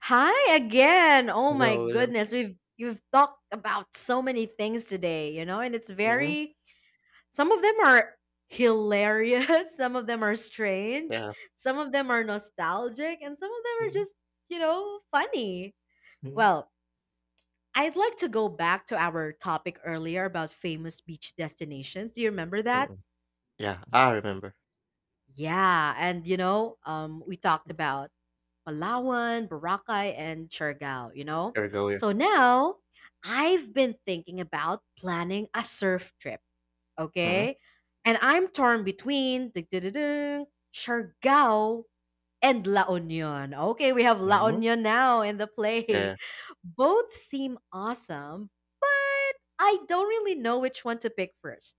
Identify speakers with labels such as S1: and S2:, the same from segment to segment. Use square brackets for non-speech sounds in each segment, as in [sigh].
S1: Hi again. Oh my
S2: Hello, hello.
S1: goodness. We've you've talked about so many things today, you know, and it's
S2: Mhm,
S1: very some of them are hilarious, [laughs] some of them are strange,
S2: yeah.
S1: some of them are nostalgic, and some of them are
S2: Mhm,
S1: just, you know, funny.
S2: mhm,
S1: Well, I'd like to go back to our topic earlier about famous beach destinations. Do you remember that?
S2: mhm. Yeah, I remember.
S1: Yeah, and we talked about Palawan, Boracay, and Siargao, you know?
S2: Ergo.
S1: So now, I've been thinking about planning a surf trip,
S2: Mhm,
S1: okay? And I'm torn between ding-ding-ding-ding, Siargao and La Union. Okay, we have La
S2: mhm,
S1: Union now in the play.
S2: yeah.
S1: [laughs] Both seem awesome. I don't really know which one to pick first.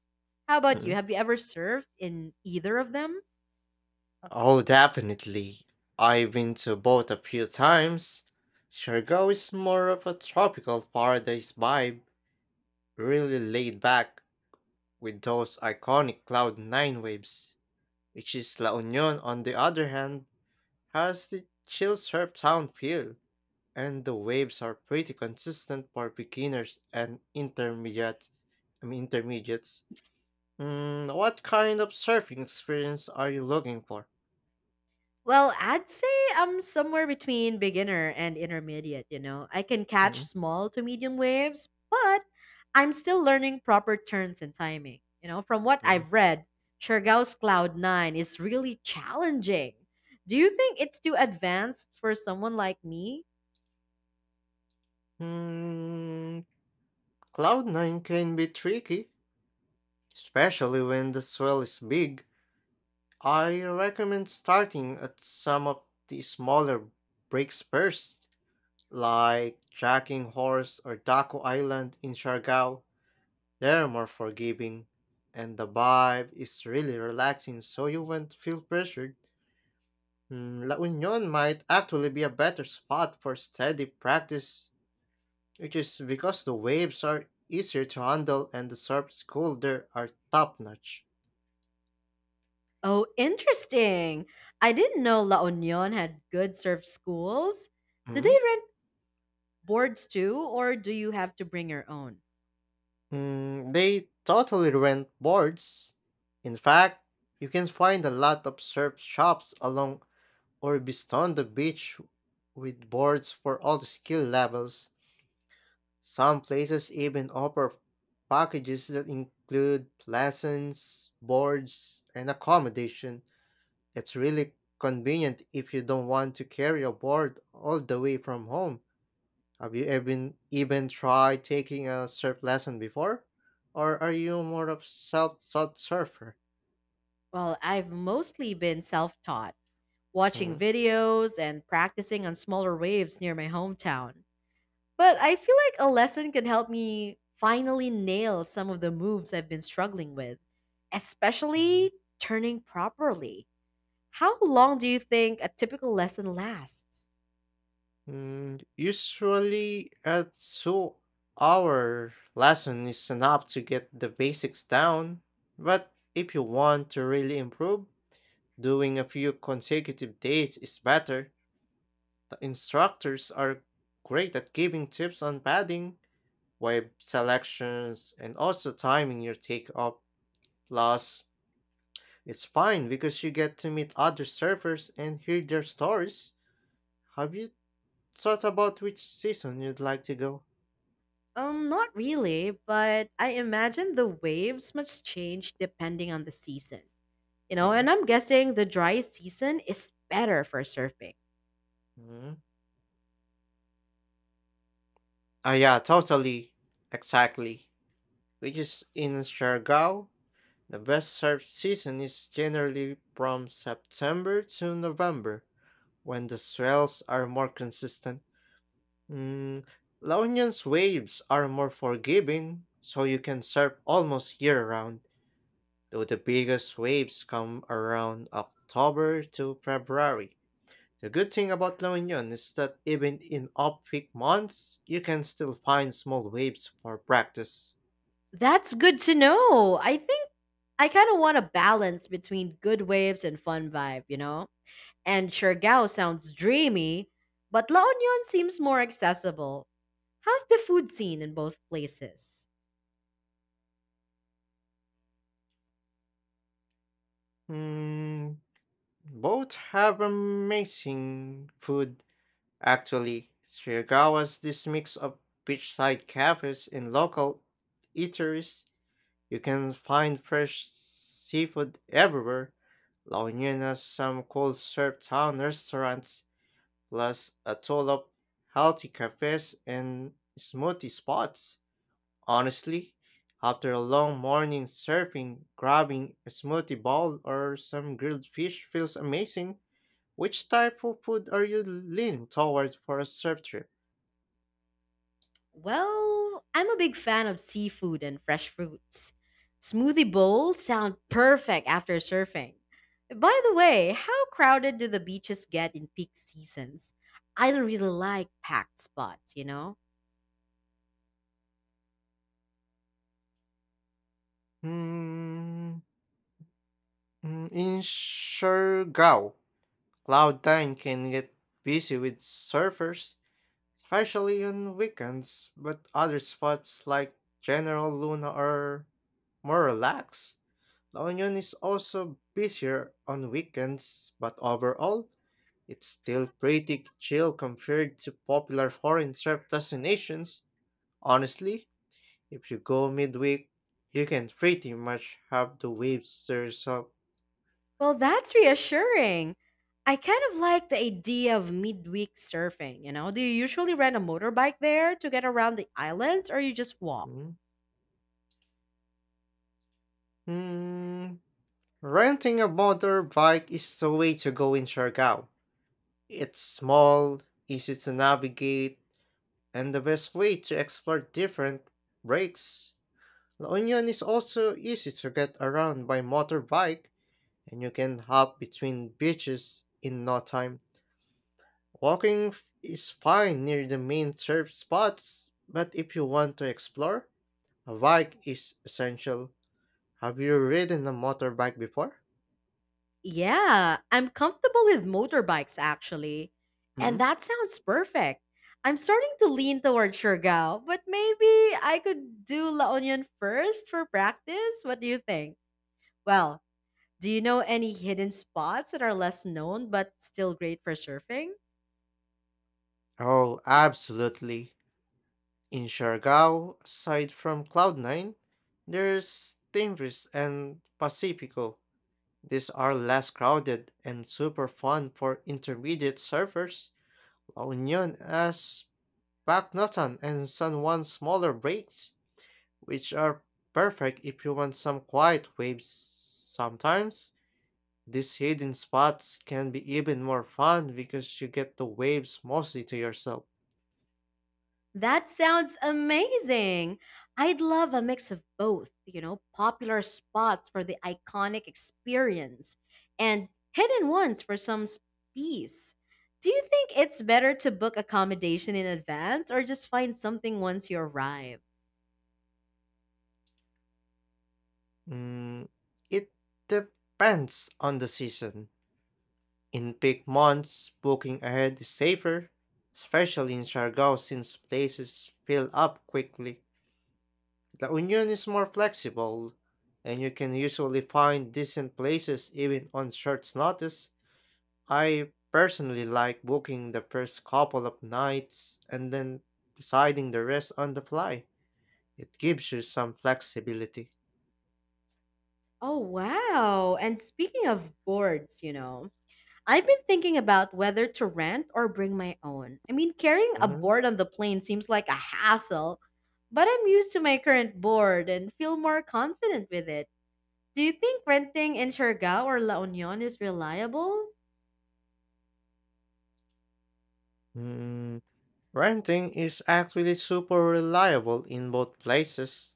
S1: How about you?
S2: Mhm.
S1: Have you ever surfed in either of them?
S2: Oh, definitely. I've been to both a few times. Shergo is more of a tropical paradise vibe, really laid back with those iconic Cloud 9 waves, which is La Union on the other hand has the chill surf town feel. And the waves are pretty consistent for beginners and intermediates. What kind of surfing experience are you looking for?
S1: Well, I'd say I'm somewhere between beginner and intermediate, you know. I can catch
S2: Mm,
S1: small to medium waves, but I'm still learning proper turns and timing. You know, from what
S2: mm.
S1: I've read, Chergao's Cloud 9 is really challenging. Do you think it's too advanced for someone like me?
S2: Mm, Cloud9 can be tricky, especially when the swell is big. I recommend starting at some of the smaller breaks first, like Jacking Horse or Daco Island in Siargao. They're more forgiving, and the vibe is really relaxing, so you won't feel pressured. La Union might actually be a better spot for steady practice, which is because the waves are easier to handle and the surf cool there are top notch.
S1: Oh, interesting. I didn't know La Union had good surf schools. Do
S2: Hmm?
S1: they rent boards too, or do you have to bring your own?
S2: They totally rent boards. In fact, you can find a lot of surf shops along or beyond the beach with boards for all the skill levels. Some places even offer packages that include lessons, boards, and accommodation. It's really convenient if you don't want to carry a board all the way from home. Have you even tried taking a surf lesson before? Or are you more of self-taught surfer?
S1: Well, I've mostly been self taught, watching
S2: Mm.
S1: videos, and practicing on smaller waves near my hometown. But I feel like a lesson could help me finally nail some of the moves I've been struggling with, especially turning properly. How long do you think a typical lesson lasts?
S2: Usually, a 2 hour lesson is enough to get the basics down, but if you want to really improve, doing a few consecutive days is better. The instructors are great at giving tips on padding, wave selections, and also timing your takeoff. Plus, it's fine because you get to meet other surfers and hear their stories. Have you thought about which season you'd like to go?
S1: Not really, but I imagine the waves must change depending on the season. You know,
S2: Mm-hmm.
S1: and I'm guessing the dry season is better for surfing.
S2: Mm-hmm. Yeah, totally. Exactly. Which is in Siargao, the best surf season is generally from September to November, when the swells are more consistent. Mm, La Union's waves are more forgiving, so you can surf almost year round, though the biggest waves come around October to February. The good thing about La Union is that even in off-peak months, you can still find small waves for practice.
S1: That's good to know. I think I kind of want a balance between good waves and fun vibe, you know? And Siargao sounds dreamy, but La Union seems more accessible. How's the food scene in both places?
S2: Mm, Both have amazing food, actually. Shigawa's this mix of beachside cafes and local eateries. You can find fresh seafood everywhere. La Union has some cool surf town restaurants, plus a toll of healthy cafes and smoothie spots. Honestly, after a long morning surfing, grabbing a smoothie bowl or some grilled fish feels amazing. Which type of food are you leaning towards for a surf trip?
S1: Well, I'm a big fan of seafood and fresh fruits. Smoothie bowls sound perfect after surfing. By the way, how crowded do the beaches get in peak seasons? I don't really like packed spots, you know?
S2: Hmm, in Siargao, Cloud 9 can get busy with surfers, especially on weekends, but other spots like General Luna are more relaxed. La Union is also busier on weekends, but overall, it's still pretty chill compared to popular foreign trip destinations. Honestly, if you go midweek, you can pretty much have the waves to yourself.
S1: Well, that's reassuring. I kind of like the idea of midweek surfing, you know? Do you usually rent a motorbike there to get around the islands or you just walk?
S2: Mhm. Renting a motorbike is the way to go in Siargao. It's small, easy to navigate, and the best way to explore different breaks. La Union is also easy to get around by motorbike, and you can hop between beaches in no time. Walking is fine near the main surf spots, but if you want to explore, a bike is essential. Have you ridden a motorbike before?
S1: Yeah, I'm comfortable with motorbikes actually. And
S2: mm
S1: that sounds perfect. I'm starting to lean towards Siargao, but maybe I could do La Union first for practice. What do you think? Well, do you know any hidden spots that are less known but still great for surfing?
S2: Oh, absolutely. In Siargao, aside from Cloud9, there's Timbres and Pacifico. These are less crowded and super fun for intermediate surfers. La Union has Pacnotan and San Juan's smaller breaks which are perfect if you want some quiet waves sometimes. These hidden spots can be even more fun because you get the waves mostly to yourself.
S1: That sounds amazing. I'd love a mix of both, you know, popular spots for the iconic experience and hidden ones for some peace. Do you think it's better to book accommodation in advance or just find something once you arrive?
S2: Mm, it depends on the season. In peak months, booking ahead is safer, especially in Siargao since places fill up quickly. La Union is more flexible, and you can usually find decent places even on short notice. I personally like booking the first couple of nights and then deciding the rest on the fly. It gives you some flexibility.
S1: Oh, wow. And speaking of boards, you know, I've been thinking about whether to rent or bring my own. I mean, carrying a
S2: Mhm.
S1: board on the plane seems like a hassle, but I'm used to my current board and feel more confident with it. Do you think renting in Siargao or La Union is reliable?
S2: Mm, Renting is actually super reliable in both places.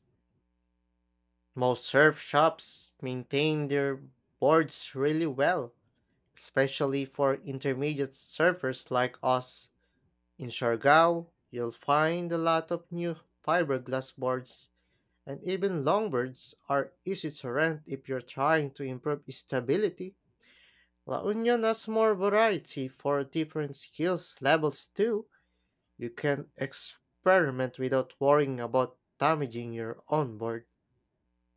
S2: Most surf shops maintain their boards really well, especially for intermediate surfers like us. In Siargao, you'll find a lot of new fiberglass boards, and even longboards are easy to rent if you're trying to improve stability. La Union has more variety for different skills levels too. You can experiment without worrying about damaging your own board.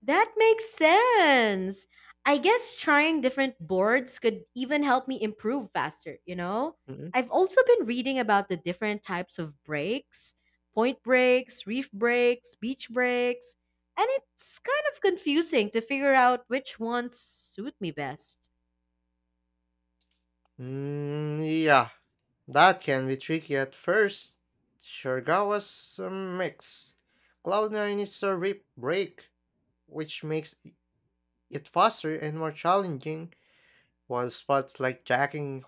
S1: That makes sense. I guess trying different boards could even help me improve faster, you know?
S2: Mm,
S1: I've also been reading about the different types of breaks: point breaks, reef breaks, beach breaks, and it's kind of confusing to figure out which ones suit me best.
S2: yeah, that can be tricky at first. Shergawa's a mix. Cloud9 is a rip break, which makes it faster and more challenging, while spots like jacking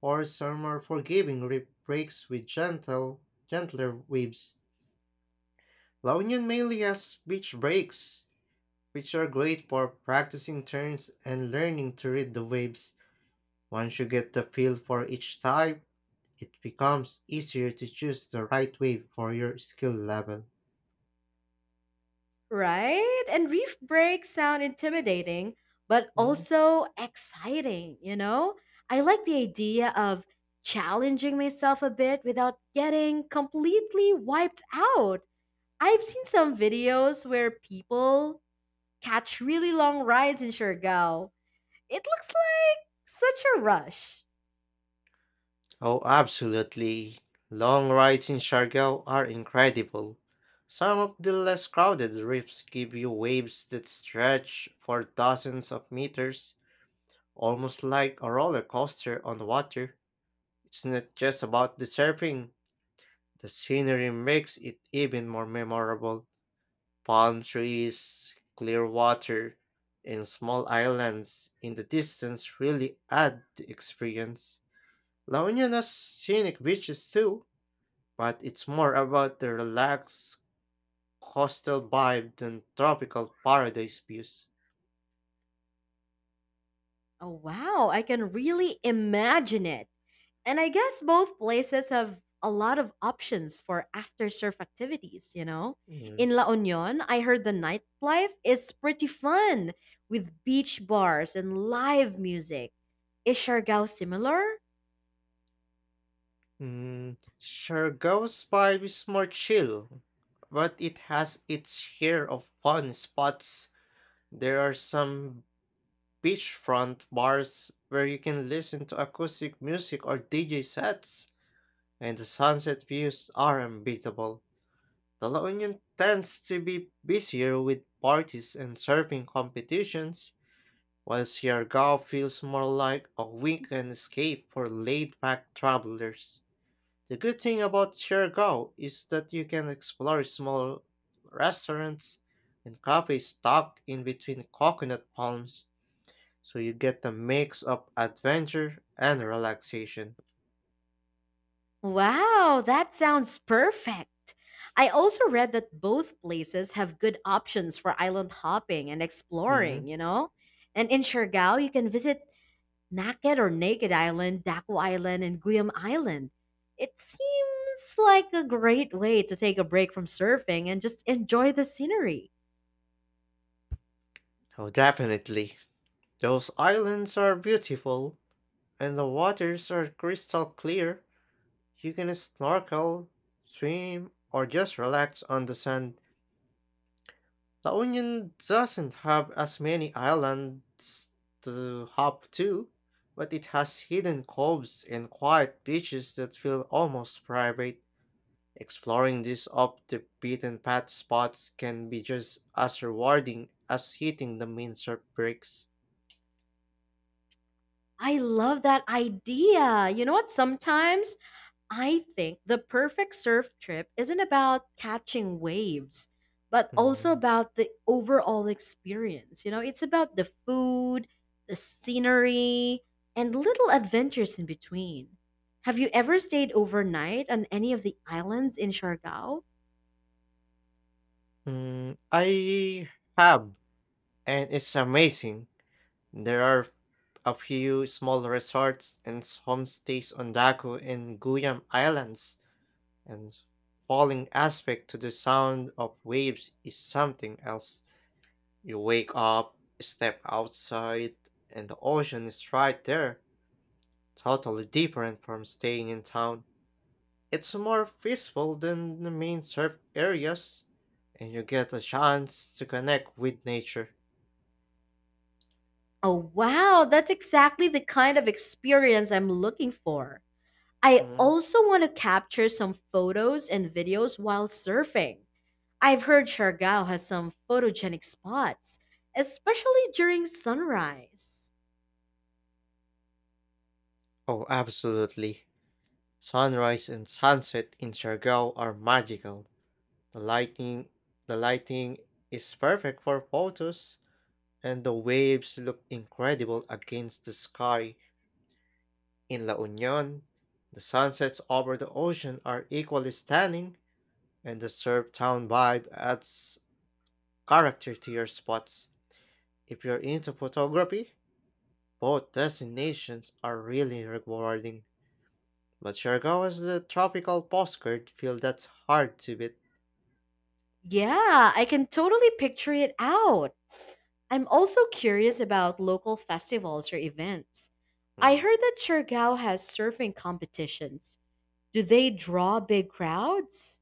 S2: horse are more forgiving rip breaks with gentler waves. La Union mainly has beach breaks, which are great for practicing turns and learning to read the waves. Once you get the feel for each type, it becomes easier to choose the right wave for your skill level.
S1: Right? And reef breaks sound intimidating, but
S2: Mm.
S1: also exciting, you know? I like the idea of challenging myself a bit without getting completely wiped out. I've seen some videos where people catch really long rides in Siargao. It looks like such a rush.
S2: Oh, absolutely. Long rides in Siargao are incredible. Some of the less crowded reefs give you waves that stretch for dozens of meters, almost like a roller coaster on water. It's not just about the surfing, the scenery makes it even more memorable. Palm trees, clear water, and small islands in the distance really add the experience. La Union has scenic beaches too, but it's more about the relaxed coastal vibe than tropical paradise views.
S1: Oh, wow, I can really imagine it. And I guess both places have a lot of options for after surf activities, you know?
S2: Mm.
S1: In La Union, I heard the nightlife is pretty fun with beach bars and live music. Is Siargao similar?
S2: Siargao's vibe is more chill, but it has its share of fun spots. There are some beachfront bars where you can listen to acoustic music or DJ sets, and the sunset views are unbeatable. The La Union tends to be busier with parties and surfing competitions, while Siargao feels more like a weekend escape for laid-back travelers. The good thing about Siargao is that you can explore small restaurants and cafes tucked in between coconut palms so you get a mix of adventure and relaxation.
S1: Wow, that sounds perfect. I also read that both places have good options for island hopping and exploring,
S2: Mm.
S1: you know? And in Siargao, you can visit Naked or Naked Island, Daco Island, and Guyam Island. It seems like a great way to take a break from surfing and just enjoy the scenery.
S2: Oh, definitely. Those islands are beautiful, and the waters are crystal clear. You can snorkel, swim, or just relax on the sand. La Union doesn't have as many islands to hop to, but it has hidden coves and quiet beaches that feel almost private. Exploring these off the beaten path spots can be just as rewarding as hitting the main surf breaks.
S1: I love that idea. You know what? Sometimes I think the perfect surf trip isn't about catching waves, but also
S2: Mm,
S1: about the overall experience. You know, it's about the food, the scenery, and little adventures in between. Have you ever stayed overnight on any of the islands in Siargao?
S2: I have, and it's amazing. There are a few small resorts and homestays on Daku and Guyam Islands, and falling aspect to the sound of waves is something else. You wake up, step outside, and the ocean is right there. Totally different from staying in town. It's more peaceful than the main surf areas, and you get a chance to connect with nature.
S1: Oh, wow, that's exactly the kind of experience I'm looking for. I
S2: Mhm.
S1: also want to capture some photos and videos while surfing. I've heard Siargao has some photogenic spots, especially during sunrise.
S2: Oh, absolutely. Sunrise and sunset in Siargao are magical. The lighting, the lighting is perfect for photos, and the waves look incredible against the sky. In La Union, the sunsets over the ocean are equally stunning, and the surf town vibe adds character to your spots. If you're into photography, both destinations are really rewarding. But Siargao has the tropical postcard feel that's hard to beat.
S1: Yeah, I can totally picture it out. I'm also curious about local festivals or events. I
S2: Mm,
S1: heard that Siargao has surfing competitions. Do they draw big crowds?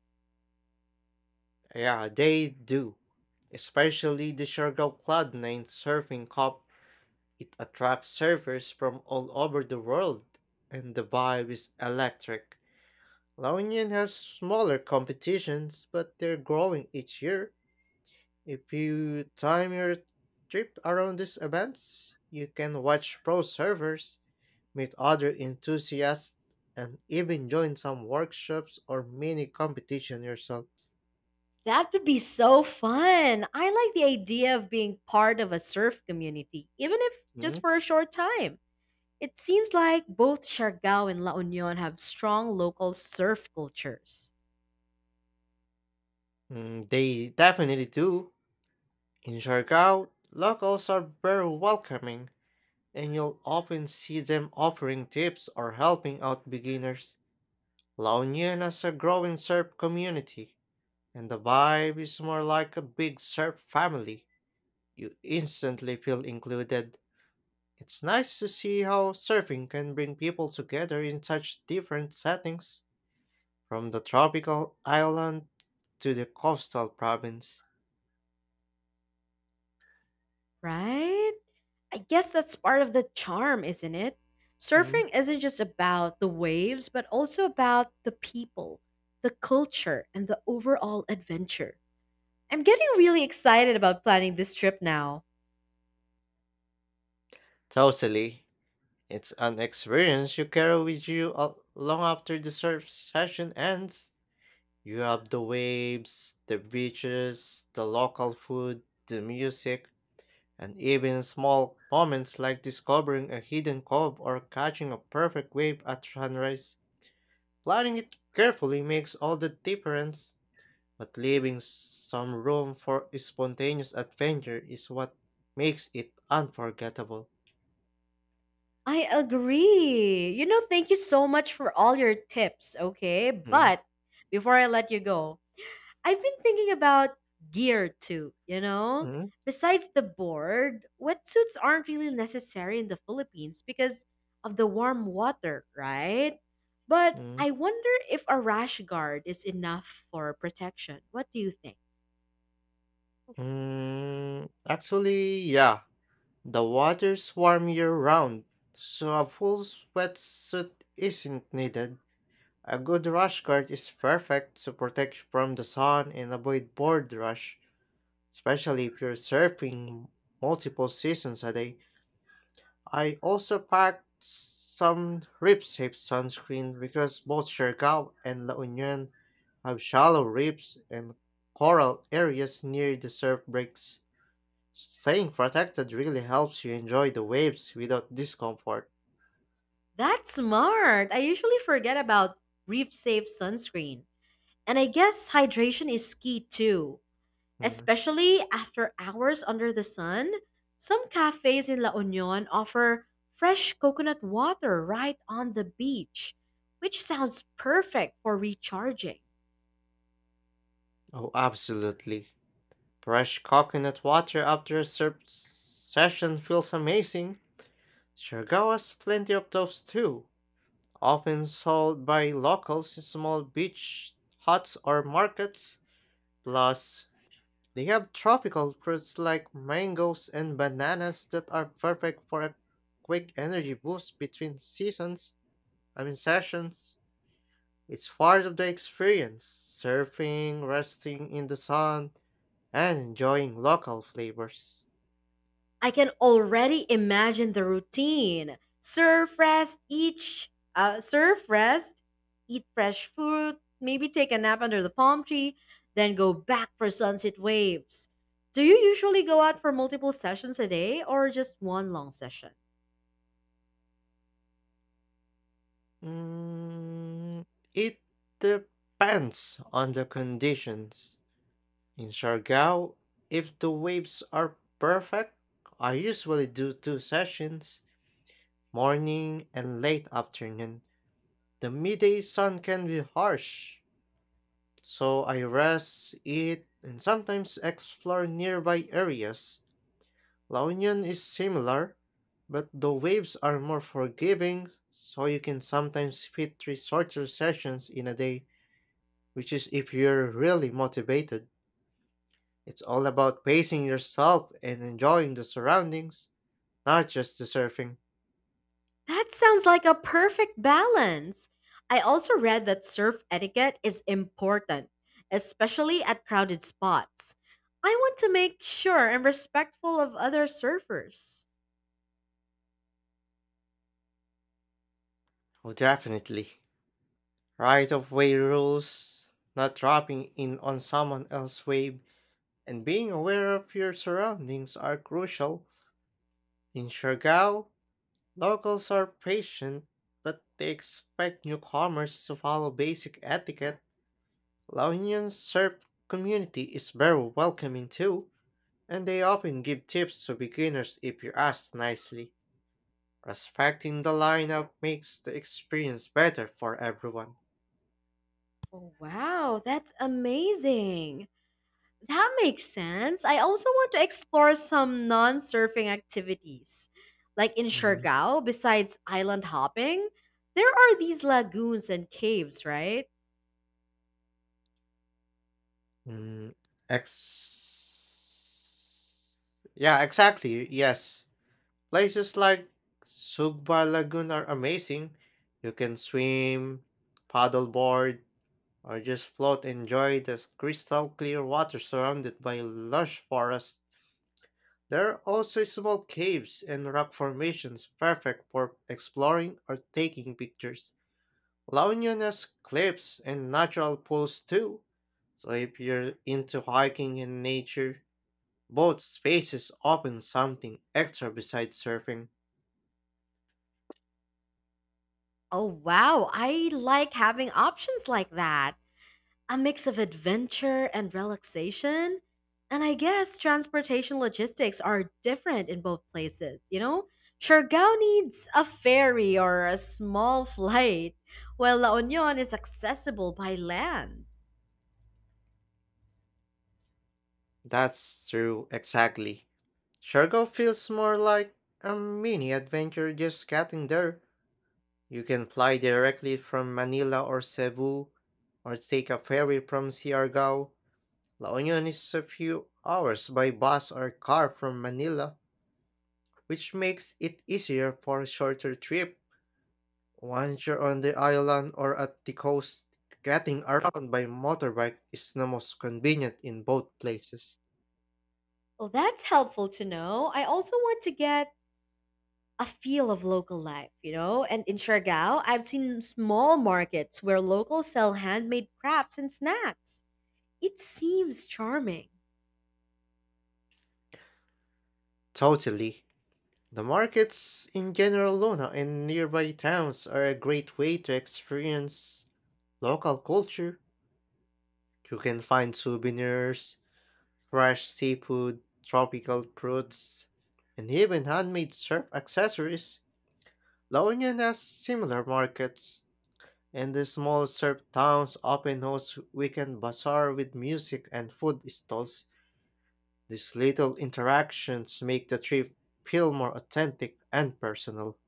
S2: Yeah, they do. Especially the Siargao Cloud 9 Surfing Cup. It attracts surfers from all over the world, and the vibe is electric. Laonian has smaller competitions, but they're growing each year. If you time your trip around these events, you can watch pro servers, meet other enthusiasts, and even join some workshops or mini competition yourself.
S1: That would be so fun. I like the idea of being part of a surf community, even if just
S2: Mhm.
S1: for a short time. It seems like both Siargao and La Union have strong local surf cultures,
S2: They definitely do. In Jargao, locals are very welcoming, and you'll often see them offering tips or helping out beginners. La Union has a growing surf community, and the vibe is more like a big surf family. You instantly feel included. It's nice to see how surfing can bring people together in such different settings, from the tropical island to the coastal province.
S1: right? I guess that's part of the charm, isn't it?
S2: Mm,
S1: Surfing isn't just about the waves, but also about the people, the culture, and the overall adventure. I'm getting really excited about planning this trip now.
S2: Totally. It's an experience you carry with you long after the surf session ends. You have the waves, the beaches, the local food, the music. And even small moments like discovering a hidden cove or catching a perfect wave at sunrise, planning it carefully makes all the difference. But leaving some room for spontaneous adventure is what makes it unforgettable.
S1: I agree. You know, thank you so much for all your tips, okay?
S2: Mm,
S1: But before I let you go, I've been thinking about gear too, you know?
S2: mm,
S1: Besides the board, wetsuits aren't really necessary in the Philippines because of the warm water, right? But
S2: mm,
S1: I wonder if a rash guard is enough for protection. What do you think?
S2: mm. Actually, yeah, the water's warm year round, so a full sweatsuit isn't needed. A good rush guard is perfect to protect from the sun and avoid board rush, especially if you're surfing multiple seasons a day. I also packed some rib safe sunscreen because both Siargao and La Union have shallow reefs and coral areas near the surf breaks. Staying protected really helps you enjoy the waves without discomfort.
S1: That's smart. I usually forget about reef safe sunscreen. And I guess hydration is key too,
S2: Hmm.
S1: especially after hours under the sun. Some cafes in La Union offer fresh coconut water right on the beach, which sounds perfect for recharging.
S2: Oh, absolutely. Fresh coconut water after a surf session feels amazing. Siargao has plenty of those too, often sold by locals in small beach huts or markets. Plus, they have tropical fruits like mangoes and bananas that are perfect for a quick energy boost between sessions. It's part of the experience. Surfing, resting in the sun, and enjoying local flavors.
S1: I can already imagine the routine. Surf rest, each surf rest, eat fresh food, maybe take a nap under the palm tree, then go back for sunset waves. Do you usually go out for multiple sessions a day or just one long session?
S2: Mm, it depends on the conditions. In Siargao, if the waves are perfect, I usually do two sessions, morning and late afternoon. The midday sun can be harsh, so I rest, eat, and sometimes explore nearby areas. La Union is similar, but the waves are more forgiving, so you can sometimes fit three shorter sessions in a day, which is if you're really motivated. It's all about pacing yourself and enjoying the surroundings, not just the surfing.
S1: That sounds like a perfect balance. I also read that surf etiquette is important, especially at crowded spots. I want to make sure I'm respectful of other surfers.
S2: Oh, definitely. Right of way rules, not dropping in on someone else's wave, and being aware of your surroundings are crucial. In Siargao, locals are patient, but they expect newcomers to follow basic etiquette. Laonian Serb community is very welcoming too, and they often give tips to beginners if you ask nicely. Respecting the lineup makes the experience better for everyone.
S1: Oh, wow, that's amazing. That makes sense. I also want to explore some non surfing activities. Like in
S2: Mm,
S1: Siargao, besides island hopping, there are these lagoons and caves, right?
S2: mm, ex- yeah, exactly. Yes. Places like Sugba Lagoon are amazing. You can swim, paddleboard, or just float and enjoy the crystal clear water surrounded by lush forests. There are also small caves and rock formations perfect for exploring or taking pictures. La Union has cliffs and natural pools too. So if you're into hiking and nature, both spaces open something extra besides surfing.
S1: Oh, wow. I like having options like that. A mix of adventure and relaxation. And I guess transportation logistics are different in both places, you know? Siargao needs a ferry or a small [laughs] flight, while La Union is accessible by land.
S2: That's true, exactly. Shargo feels more like a mini adventure just getting there. You can fly directly from Manila or Cebu, or take a ferry from Siargao. La Union is a few hours by bus or car from Manila, which makes it easier for a shorter trip. Once you're on the island or at the coast, getting around by motorbike is the most convenient in both places.
S1: Well, that's helpful to know. I also want to get a feel of local life, you know? And in Siargao, I've seen small markets where locals sell handmade crafts and snacks. It seems charming.
S2: Totally. The markets in general Lona and nearby towns are a great way to experience local culture. You can find souvenirs, fresh seafood, tropical fruits, and even handmade surf accessories. Lonian has similar markets, and the small surf towns often host weekend bazaar with music and food stalls. These little interactions make the trip feel more authentic and personal.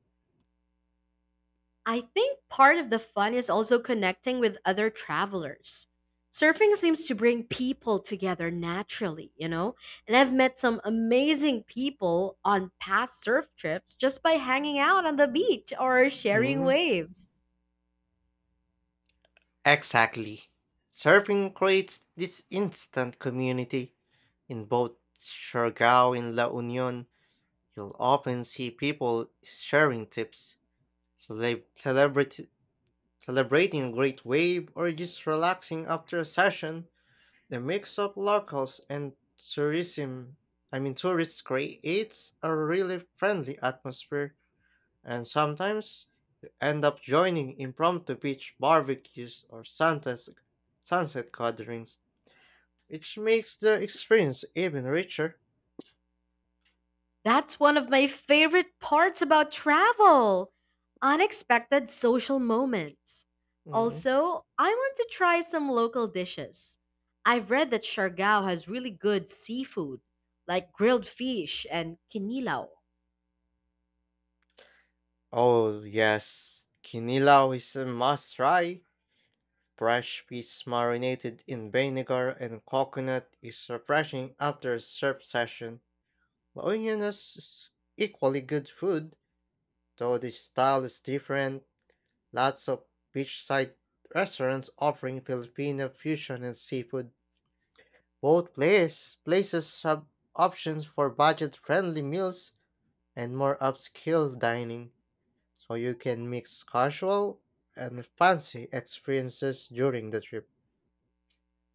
S1: I think part of the fun is also connecting with other travelers. Surfing seems to bring people together naturally, you know? And I've met some amazing people on past surf trips just by hanging out on the beach or sharing
S2: Hmm.
S1: waves.
S2: Exactly. Surfing creates this instant community. In both Siargao and La Union, you'll often see people sharing tips, celebrity celebrating a great wave or just relaxing after a session, the mix of locals and tourism, I mean tourists creates a really friendly atmosphere, and sometimes you end up joining impromptu beach barbecues or sunset gatherings, which makes the experience even richer.
S1: That's one of my favorite parts about travel: unexpected social moments.
S2: Mm.
S1: Also, I want to try some local dishes. I've read that Siargao has really good seafood, like grilled fish and kinilaw.
S2: Oh, yes, kinilaw is a must try. Fresh fish marinated in vinegar and coconut is refreshing after a surf session. La Unión is equally good food, though the style is different. Lots of beachside restaurants offering Filipino fusion and seafood. Places have options for budget-friendly meals and more upscale dining, so you can mix casual and fancy experiences during the trip.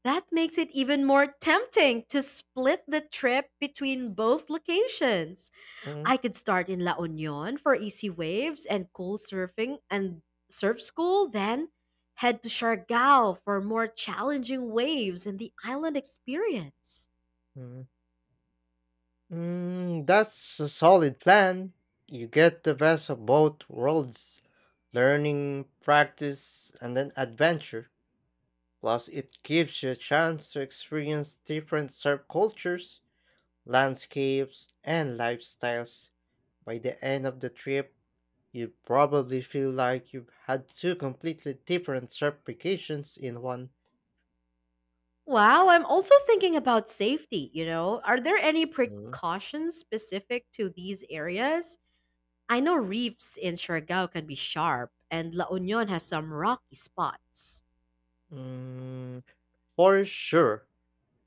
S1: That makes it even more tempting to split the trip between both locations.
S2: Mhm.
S1: I could start in La Union for easy waves and cool surfing and surf school, then head to Siargao for more challenging waves and the island experience.
S2: Mm, that's a solid plan. You get the best of both worlds: learning, practice, and then adventure. Plus, it gives you a chance to experience different subcultures, landscapes, and lifestyles. By the end of the trip, you probably feel like you've had two completely different certifications in one.
S1: Wow, I'm also thinking about safety, you know. Are there any
S2: Mm.
S1: precautions specific to these areas? I know reefs in Siargao can be sharp and La Union has some rocky spots.
S2: Mm, for sure,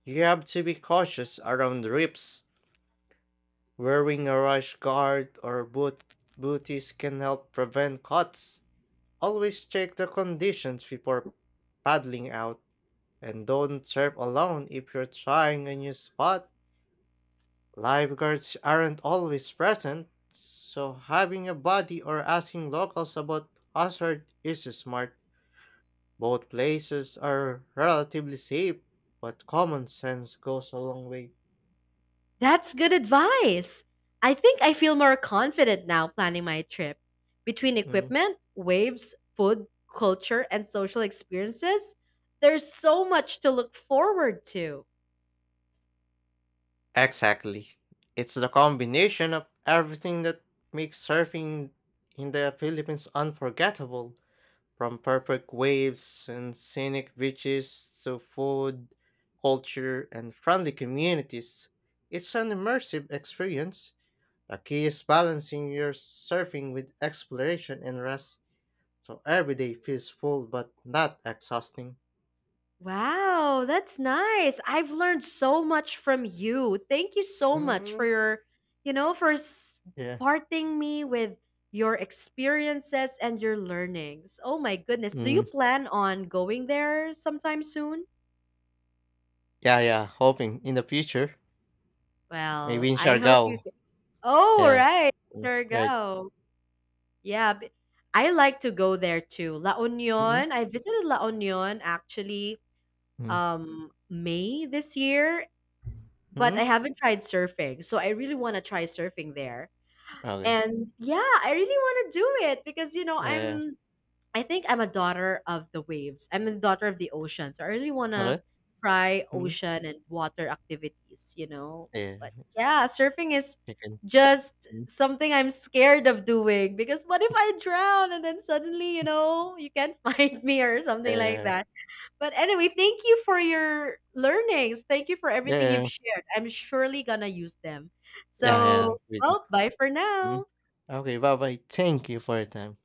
S2: you have to be cautious around rips. Wearing a rash guard or boot booties can help prevent cuts. Always check the conditions before paddling out, and don't surf alone if you're trying a new spot. Lifeguards aren't always present, so having a buddy or asking locals about hazard is smart. Both places are relatively safe, but common sense goes a long way.
S1: That's good advice. I think I feel more confident now planning my trip. Between
S2: Mm.
S1: equipment, waves, food, culture, and social experiences, there's so much to look forward to.
S2: Exactly. It's the combination of everything that makes surfing in the Philippines unforgettable, from perfect waves and scenic beaches to food, culture, and friendly communities. It's an immersive experience. The key is balancing your surfing with exploration and rest, so every day feels full but not exhausting.
S1: Wow, that's nice. I've learned so much from you. Thank you so much for
S2: Mm,
S1: your, you know, for
S2: yeah.
S1: parting me with your experiences and your learnings. Oh my goodness. Do you
S2: Mm,
S1: plan on going there sometime soon?
S2: yeah. Hoping in the future,
S1: Well,
S2: maybe in
S1: I hope
S2: Siargao.
S1: you. Oh,
S2: Yeah.
S1: right.
S2: Ừm,
S1: Sure
S2: rồi,
S1: go. Yeah, b I like to go there too. La
S2: mhm,
S1: Union, I visited La Union actually
S2: Ừm.
S1: May this year, but
S2: Mhm,
S1: I haven't tried surfing. So I really want to try surfing there.
S2: rồi,
S1: And yeah, I really want to do it because you know,
S2: à,
S1: I think I'm a daughter of the waves. I'm a daughter of the ocean. So I really wanna
S2: mới,
S1: try
S2: mhm,
S1: ocean and water activities, you know.
S2: yeah,
S1: But yeah, surfing is
S2: chicken,
S1: just
S2: mhm,
S1: something I'm scared of doing because what if I drown and then suddenly, you know, you can't [laughs] find me or something like
S2: yeah,
S1: that. But anyway, thank you for your learnings. Thank you for everything
S2: yeah,
S1: you've shared. I'm surely gonna use them.
S2: yeah,
S1: So,
S2: we do,
S1: well, bye for now.
S2: mhm. Okay, bye-bye. Thank you for your time.